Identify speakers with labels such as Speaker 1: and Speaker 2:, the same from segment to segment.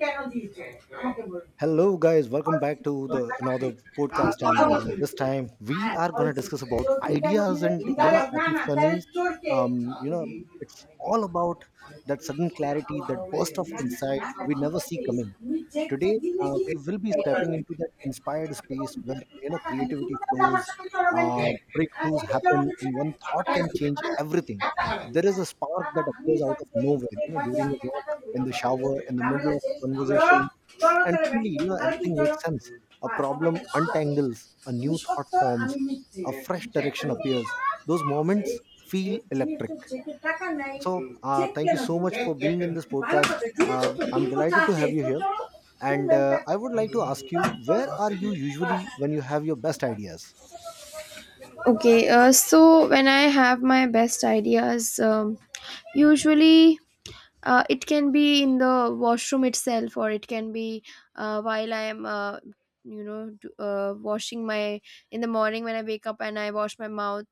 Speaker 1: কেন দিয়েছে
Speaker 2: Hello, guys. Welcome back to the another podcast, and this time we
Speaker 1: হ্যাঁ
Speaker 2: are gonna
Speaker 1: বলছে
Speaker 2: discuss about
Speaker 1: চোর তুমি কেন
Speaker 2: ideas
Speaker 1: দিলে
Speaker 2: and
Speaker 1: তাহলে না তাহলে
Speaker 2: epiphanies.
Speaker 1: চোরকে
Speaker 2: Um, you know, it's all about that sudden clarity, that burst of
Speaker 1: না, না,
Speaker 2: insight we
Speaker 1: ঠিক
Speaker 2: never see
Speaker 1: আছে
Speaker 2: coming.
Speaker 1: তুমি চেক
Speaker 2: Today,
Speaker 1: দিলে কি
Speaker 2: we will be stepping into that inspired space where
Speaker 1: টাকা নাই,
Speaker 2: creativity
Speaker 1: তুমি তাহলে আমার
Speaker 2: flows,
Speaker 1: সঙ্গে চলো ব্যাংকে।
Speaker 2: uh,
Speaker 1: হ্যাঁ,
Speaker 2: breakthroughs
Speaker 1: ব্যাংকে চলো
Speaker 2: happen,
Speaker 1: বলছে।
Speaker 2: and one thought can change everything.
Speaker 1: হ্যাঁ,
Speaker 2: There is a spark
Speaker 1: টাকা
Speaker 2: that appears
Speaker 1: ভাঙিয়ে তো
Speaker 2: out of
Speaker 1: এই
Speaker 2: nowhere,
Speaker 1: চেক
Speaker 2: you know,
Speaker 1: ভাঙিয়ে
Speaker 2: during a
Speaker 1: আমাকে
Speaker 2: walk,
Speaker 1: টাকা দিবে
Speaker 2: in the shower, in the
Speaker 1: ঝামেলা
Speaker 2: middle of
Speaker 1: শেষ
Speaker 2: a conversation,
Speaker 1: চলো
Speaker 2: and
Speaker 1: তাহলে
Speaker 2: suddenly
Speaker 1: ব্যাংকে
Speaker 2: you know
Speaker 1: তাহলে কি
Speaker 2: everything
Speaker 1: চলো
Speaker 2: makes sense. A
Speaker 1: বাস আমাকে
Speaker 2: problem
Speaker 1: ঠিক আছে।
Speaker 2: untangles, a
Speaker 1: তুমি
Speaker 2: new thought
Speaker 1: সত্য আমি
Speaker 2: forms,
Speaker 1: মিথ্যে
Speaker 2: a fresh direction appears. Those moments feel
Speaker 1: check দিয়ে তো
Speaker 2: electric.
Speaker 1: চেকের টাকা নাই,
Speaker 2: So
Speaker 1: চেক
Speaker 2: thank you
Speaker 1: কেন
Speaker 2: so
Speaker 1: দিই?
Speaker 2: much for being in this
Speaker 1: ভালো
Speaker 2: podcast.
Speaker 1: কথা দিয়ে তো
Speaker 2: Uh, I'm
Speaker 1: তোর
Speaker 2: delighted to
Speaker 1: আছে
Speaker 2: have you
Speaker 1: তো
Speaker 2: here,
Speaker 1: চলো
Speaker 2: and I would like to ask you, where are you usually when you have your best ideas?
Speaker 1: Okay. So when I have my best ideas, um, usually. It can be in the washroom itself, or it can be while I am, washing my in the morning when I wake up and I wash my mouth.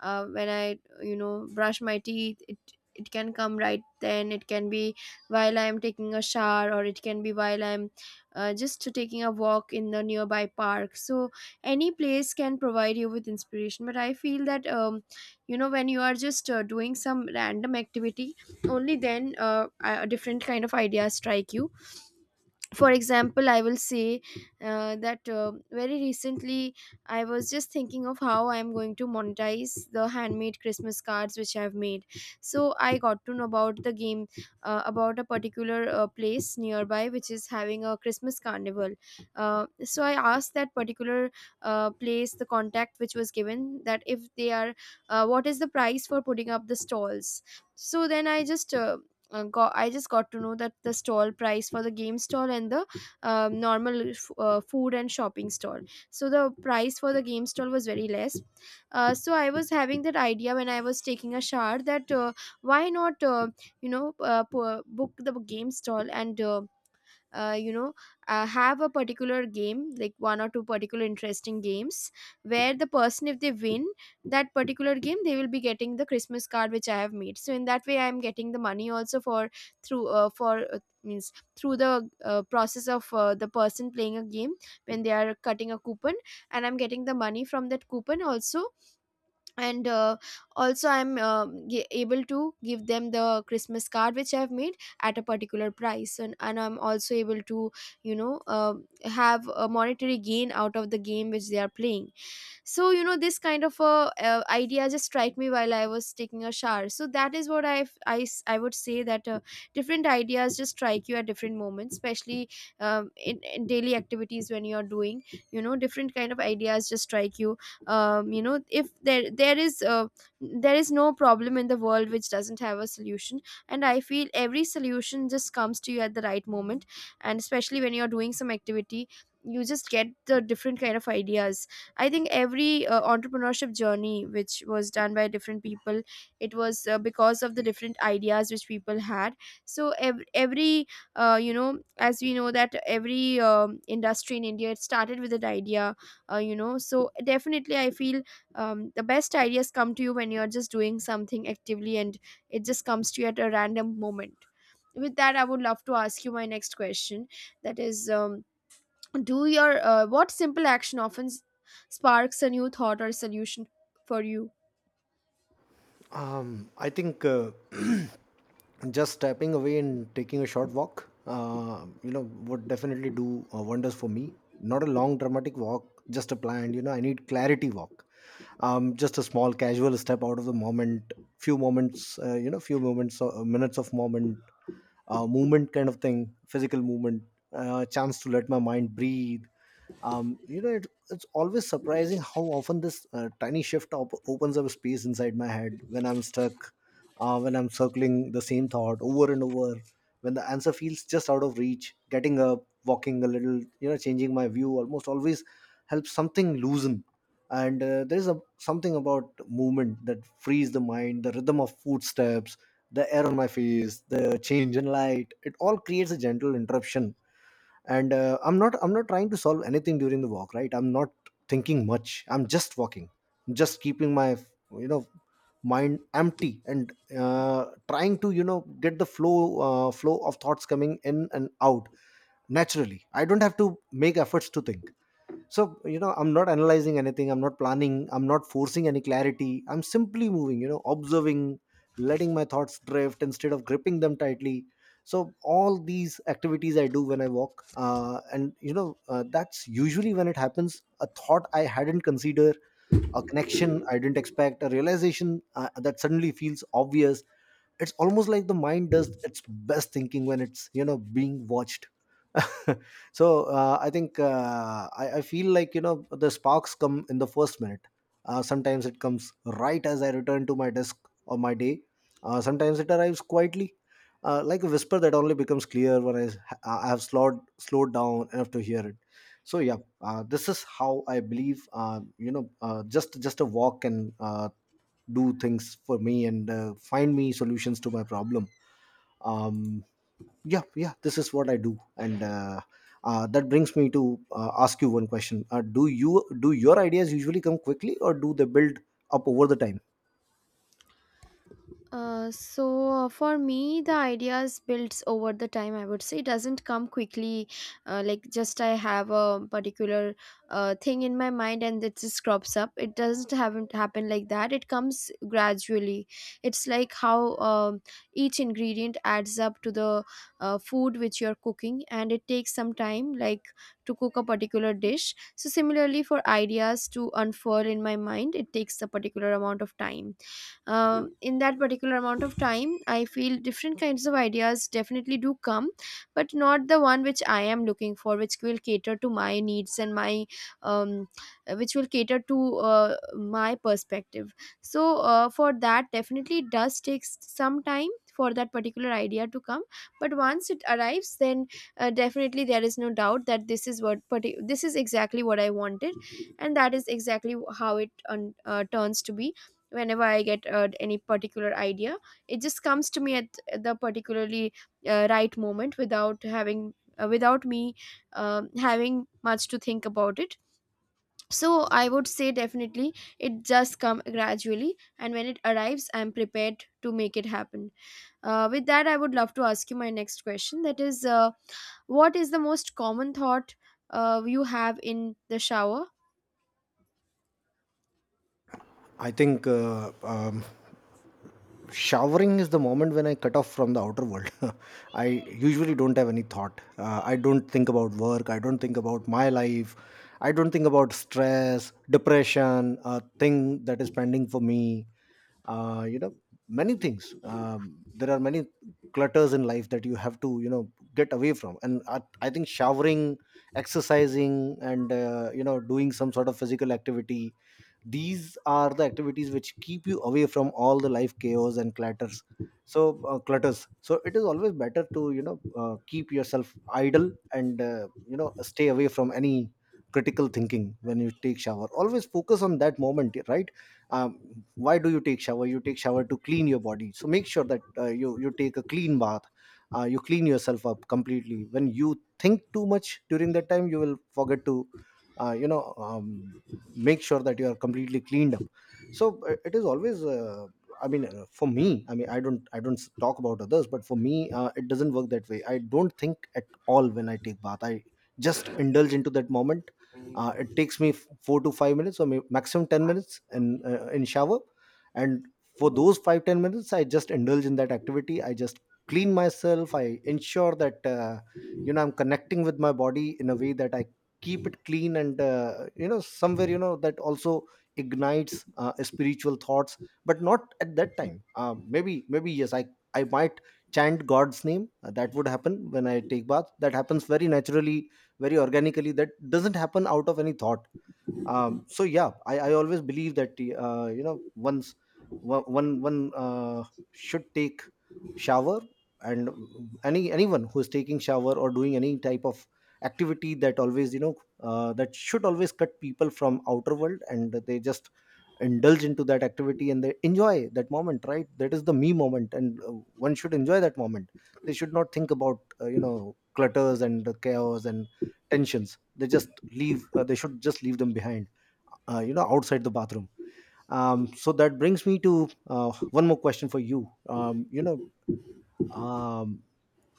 Speaker 1: When I, brush my teeth, it can come right then. It can be while I am taking a shower, or it can be while I'm just taking a walk in the nearby park. So any place can provide you with inspiration. But I feel that, when you are just doing some random activity, only then a different kind of ideas strike you. For example, I will say that very recently I was just thinking of how I am going to monetize the handmade Christmas cards which I have made. So I got to know about the game, about a particular place nearby which is having a Christmas carnival. Uh, so I asked that particular place the contact which was given, that if they are, what is the price for putting up the stalls. So then I just got I just got to know that the stall price for the game stall and the normal food and shopping stall. So the price for the game stall was very less. So I was having that idea when I was taking a shower that why not book the game stall and, uh, you know have a particular game, like one or two particular interesting games where the person, if they win that particular game, they will be getting the Christmas card which I have made. So in that way I am getting the money also for, through for means through the process of the person playing a game. When they are cutting a coupon, and I'm getting the money from that coupon also, and also I'm able to give them the Christmas card which I've made at a particular price, and I'm also able to you know uh, have a monetary gain out of the game which they are playing. So you know, this kind of a idea just strike me while I was taking a shower. So that is what I would say, that different ideas just strike you at different moments, especially in daily activities. When you're doing, you know, different kind of ideas just strike you. Um, you know if there there is there is no problem in the world which doesn't have a solution. And I feel every solution just comes to you at the right moment, and especially when you're doing some activity, you just get the different kind of ideas. I think every entrepreneurship journey, which was done by different people, it was because of the different ideas which people had. So you know, as we know that every industry in India, it started with an idea, you know. So definitely, I feel the best ideas come to you when you're just doing something actively, and it just comes to you at a random moment. With that, I would love to ask you my next question. That is. Do your what simple action often sparks a new thought or solution for you?
Speaker 2: I think just stepping away and taking a short walk, you know, would definitely do wonders for me. Not a long dramatic walk, just a planned, you know, I need clarity walk. Just a small casual step out of the moment, few moments, you know, few moments, minutes of moment, movement kind of thing, physical movement, chance to let my mind breathe. You know, it's always surprising how often this tiny shift opens up space inside my head when I'm stuck, when I'm circling the same thought over and over, when the answer feels just out of reach. Getting up, walking a little, you know, changing my view almost always helps something loosen. And there's a something about movement that frees the mind, the rhythm of footsteps, the air on my face, the change in light. It all creates a gentle interruption. And I'm not trying to solve anything during the walk, right? I'm not thinking much, I'm just walking, just keeping my, you know, mind empty, and trying to, you know, get the flow, flow of thoughts coming in and out naturally. I don't have to make efforts to think. So, you know, I'm not analyzing anything, I'm not planning, I'm not forcing any clarity. I'm simply moving, you know, observing, letting my thoughts drift instead of gripping them tightly. So all these activities I do when I walk, and you know, that's usually when it happens. A thought I hadn't considered, a connection I didn't expect, a realization that suddenly feels obvious. It's almost like the mind does its best thinking when it's, you know, being watched. So I think I feel like, you know, the sparks come in the first minute. Sometimes it comes right as I return to my desk or my day. Sometimes it arrives quietly, like a whisper that only becomes clear when I have slowed down enough to hear it. So yeah, this is how I believe. You know, just a walk can do things for me and find me solutions to my problem. Um, yeah, this is what I do. And that brings me to ask you one question. Uh, do you, do your ideas usually come quickly, or do they build up over the time?
Speaker 1: Uh, so for me, the ideas builds over the time, I would say. It doesn't come quickly. Like, just I have a particular thing in my mind and it just crops up, it doesn't haven't happen like that, it comes gradually. It's like how, each ingredient adds up to the food which you're cooking, and it takes some time, like to cook a particular dish. So similarly, for ideas to unfurl in my mind, it takes a particular amount of time. In that particular amount of time, I feel different kinds of ideas definitely do come, but not the one which I am looking for, which will cater to my needs and my, um, which will cater to my perspective. For that, definitely it does take some time for that particular idea to come. But once it arrives, then definitely there is no doubt that this is what this is exactly what I wanted, and that is exactly how it turns to be. Whenever I get any particular idea, it just comes to me at the particularly right moment, without having, without me having much to think about it. So I would say definitely it just come gradually, and when it arrives, I'm prepared to make it happen. With that, I would love to ask you my next question, that is, what is the most common thought you have in the shower?
Speaker 2: I think showering is the moment when I cut off from the outer world. I usually don't have any thought. Uh, I don't think about work, I don't think about my life, I don't think about stress, depression, a thing that is pending for me. Uh, you know, many things. Um, there are many clutters in life that you have to, you know, get away from. And I think showering, exercising, and you know, doing some sort of physical activity, these are the activities which keep you away from all the life chaos and clutters. So clutters, so it is always better to, you know, keep yourself idle and you know, stay away from any critical thinking. When you take shower, always focus on that moment, right? Um, why do you take shower? You take shower to clean your body. So make sure that you take a clean bath, you clean yourself up completely. When you think too much during that time, you will forget to you know, make sure that you are completely cleaned up. So it is always I mean, for me, I mean, I don't s- talk about others, but for me it doesn't work that way. I don't think at all when I take bath. I just indulge into that moment. Uh, it takes me 4 to 5 minutes or maximum 10 minutes in shower. And for those 5-10 minutes, I just indulge in that activity. I just clean myself, I ensure that you know, I'm connecting with my body in a way that I keep it clean. And you know, somewhere, you know, that also ignites spiritual thoughts, but not at that time. Uh, maybe yes, I might chant god's name. That would happen when I take bath. That happens very naturally, very organically. That doesn't happen out of any thought. Um, so yeah, I always believe that you know, once one, should take shower. And anyone who is taking shower or doing any type of activity, that always, you know, that should always cut people from outer world, and they just indulge into that activity and they enjoy that moment, right? That is the me moment, and one should enjoy that moment. They should not think about you know, clutters and the chaos and tensions. They just leave, they should just leave them behind, you know, outside the bathroom. So that brings me to one more question for you. um, you know um,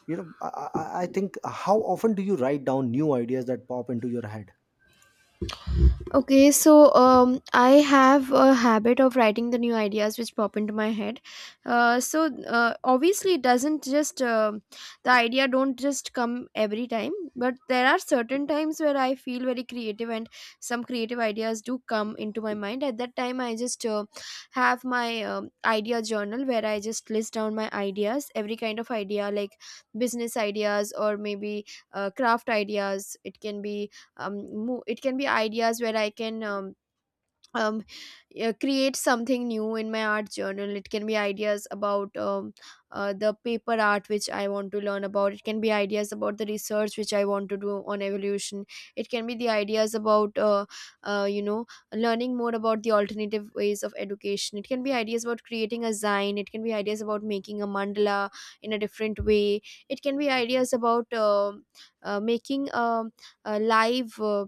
Speaker 2: you know I think how often do you write down new ideas that pop into your head?
Speaker 1: Okay, so I have a habit of writing the new ideas which pop into my head. Obviously, it doesn't just the idea don't just come every time, but there are certain times where I feel very creative, and some creative ideas do come into my mind. At that time, I just have my idea journal, where I just list down my ideas, every kind of idea, like business ideas, or maybe craft ideas. It can be um it can be ideas where I can, um create something new in my art journal. It can be ideas about, the paper art which I want to learn about. It can be ideas about the research which I want to do on evolution. It can be the ideas about uh, you know learning more about the alternative ways of education. It can be ideas about creating a zine. It can be ideas about making a mandala in a different way. It can be ideas about making a live uh,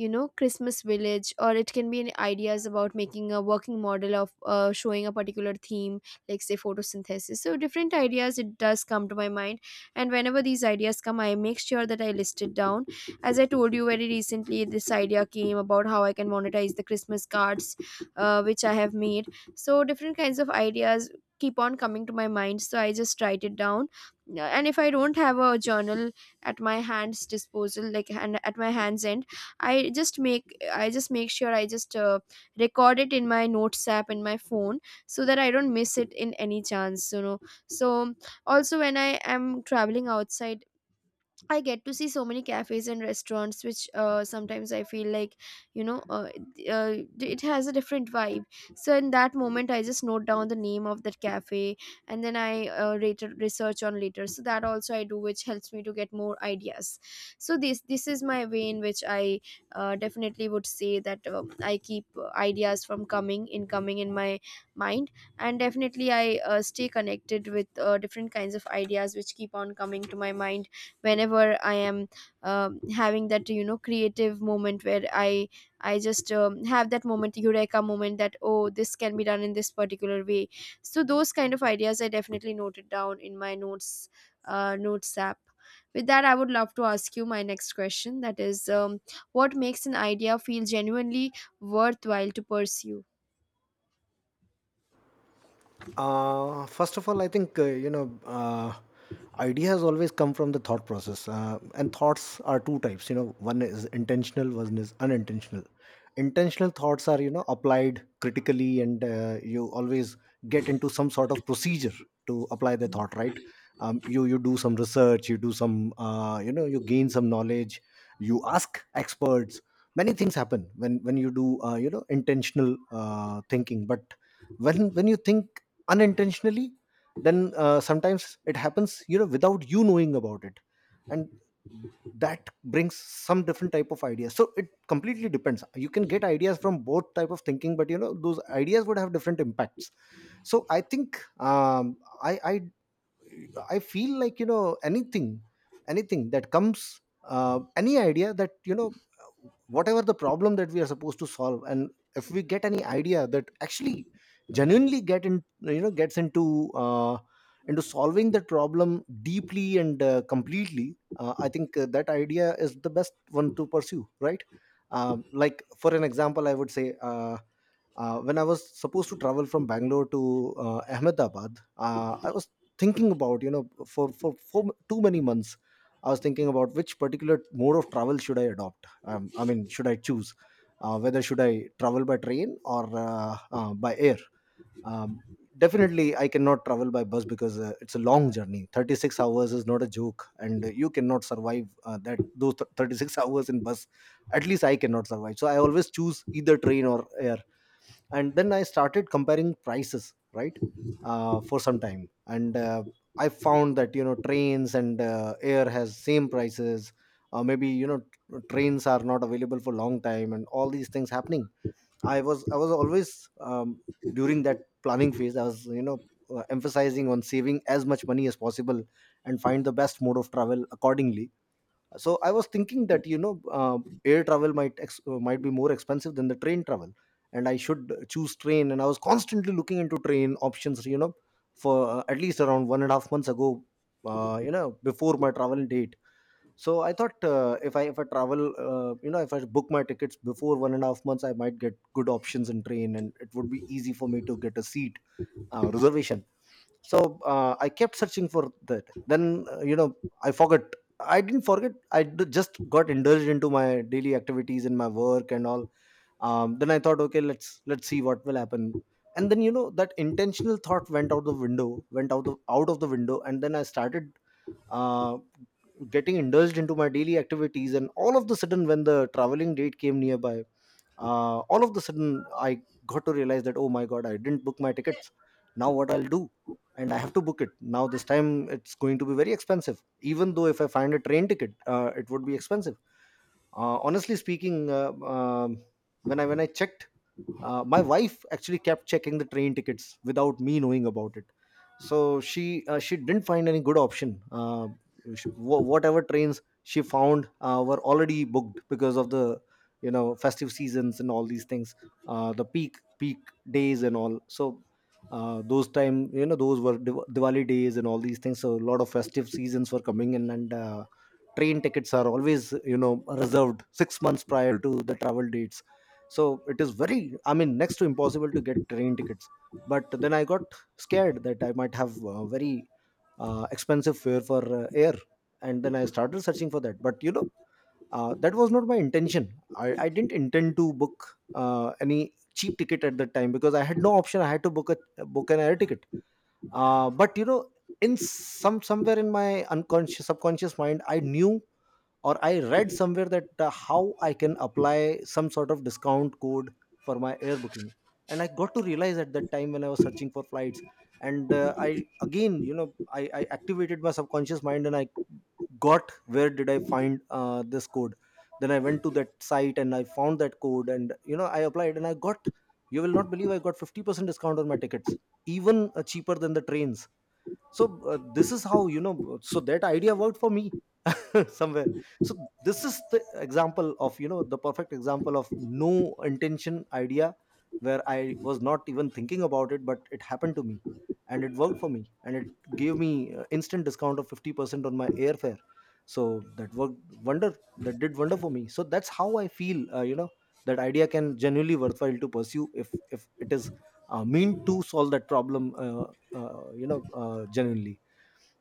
Speaker 1: you know Christmas village. Or it can be any ideas about making a working model of showing a particular theme, like say photosynthesis. So different ideas, it does come to my mind, and whenever these ideas come, I make sure that I list it down. As I told you, very recently this idea came about how I can monetize the Christmas cards which I have made. So different kinds of ideas keep on coming to my mind, so I just write it down. Yeah, and if I don't have a journal at my hands disposal, like, and at my hands end, I just make sure I just record it in my notes app in my phone, so that I don't miss it in any chance, you know. So also, when I am traveling outside, I get to see so many cafes and restaurants, which sometimes I feel like, you know, uh, uh, it has a different vibe. So in that moment, I just note down the name of that cafe, and then I later research on later. So that also I do, which helps me to get more ideas. So this is my way in which I definitely would say that I keep ideas from coming in my mind, and definitely I stay connected with different kinds of ideas which keep on coming to my mind whenever I am having that, you know, creative moment where I just have that moment, eureka moment, that oh, this can be done in this particular way. So those kind of ideas I definitely noted down in my notes notes app. With that, I would love to ask you my next question, that is, what makes an idea feel genuinely worthwhile to pursue?
Speaker 2: First of all, I think you know, ideas always come from the thought process, and thoughts are two types. You know, one is intentional, one is unintentional. Intentional thoughts are, you know, applied critically, and you always get into some sort of procedure to apply the thought. Right? You do some research, you do some, you know, you gain some knowledge, you ask experts. Many things happen when you do you know, intentional thinking. But when you think unintentionally, then sometimes it happens, you know, without you knowing about it. And that brings some different type of ideas. So it completely depends. You can get ideas from both type of thinking, but you know, those ideas would have different impacts. So I think um, i i I feel like, you know, anything that comes, any idea that, you know, whatever the problem that we are supposed to solve, and if we get any idea that actually genuinely you know, gets into solving that problem deeply and completely, I think that idea is the best one to pursue, right? Um, like for an example, I would say. When I was supposed to travel from Bangalore to Ahmedabad, I was thinking about, you know, for too many months. I was thinking about which particular mode of travel should I adopt, I mean, should I choose whether should I travel by train or by air. Um, definitely I cannot travel by bus because it's a long journey. 36 hours is not a joke, and you cannot survive that, those 36 hours in bus. At least I cannot survive, so I always choose either train or air. And then I started comparing prices, right? Uh, for some time, and I found that, you know, trains and air has same prices. Uh, maybe, you know, trains are not available for long time and all these things happening. I was always um, during that planning phase, I was, you know, emphasizing on saving as much money as possible and find the best mode of travel accordingly. So I was thinking that, you know, air travel might might be more expensive than the train travel, and I should choose train. And I was constantly looking into train options, you know, for at least around 1.5 months ago, you know, before my travel date. So I thought, if I travel, you know, if I book my tickets before 1.5 months, I might get good options in Train and it would be easy for me to get a seat reservation. So I kept searching for that. Then, you know, i forgot I didn't forget, I just got indulged into my daily activities and my work and all. Then I thought, okay, let's see what will happen. And then, you know, that intentional thought went out the window, went out the out of the window, and then I started uh, getting indulged into my daily activities. And all of the sudden when the traveling date came nearby, all of the sudden I got to realize that, oh my god, I didn't book my tickets. Now what I'll do? And I have to book it now. This time it's going to be very expensive. Even though if I find a train ticket, it would be expensive. Honestly speaking, when I checked, my wife actually kept checking the train tickets without me knowing about it. So she, she didn't find any good option. Whatever trains she found, were already booked because of the, you know, festive seasons and all these things, the peak days and all. So those time, you know, those were Diwali days and all these things, so a lot of festive seasons were coming in. And train tickets are always, you know, reserved 6 months prior to the travel dates, so it is very, I mean, next to impossible to get train tickets. But then I got scared that I might have very expensive fare for air. And then I started searching for that. But you know, that was not my intention. I didn't intend to book any cheap ticket at that time because I had no option. I had to book a book an air ticket. But you know, in somewhere in my unconscious, subconscious mind, I knew or I read somewhere that how I can apply some sort of discount code for my air booking. And I got to realize at that time when I was searching for flights. And I again, you know, I activated my subconscious mind and I got, where did I find this code? Then I went to that site and I found that code, and you know, I applied and I got, you will not believe, I got 50% discount on my tickets, even cheaper than the trains. So this is how, you know, so that idea worked for me somewhere. So this is the example of, you know, the perfect example of no intention idea, where I was not even thinking about it but it happened to me. And it worked for me, and it gave me instant discount of 50% on my airfare. So that worked wonder, that did wonder for me. So that's how I feel, you know, that idea can genuinely worthwhile to pursue if it is meant to solve that problem, you know, genuinely.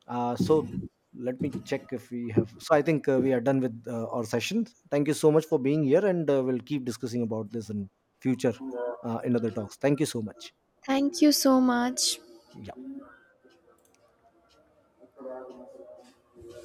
Speaker 2: So let me check if we have. So I think we are done with our session. Thank you so much for being here, and we'll keep discussing about this in future, in other talks. Thank you so much.
Speaker 1: Thank you so much.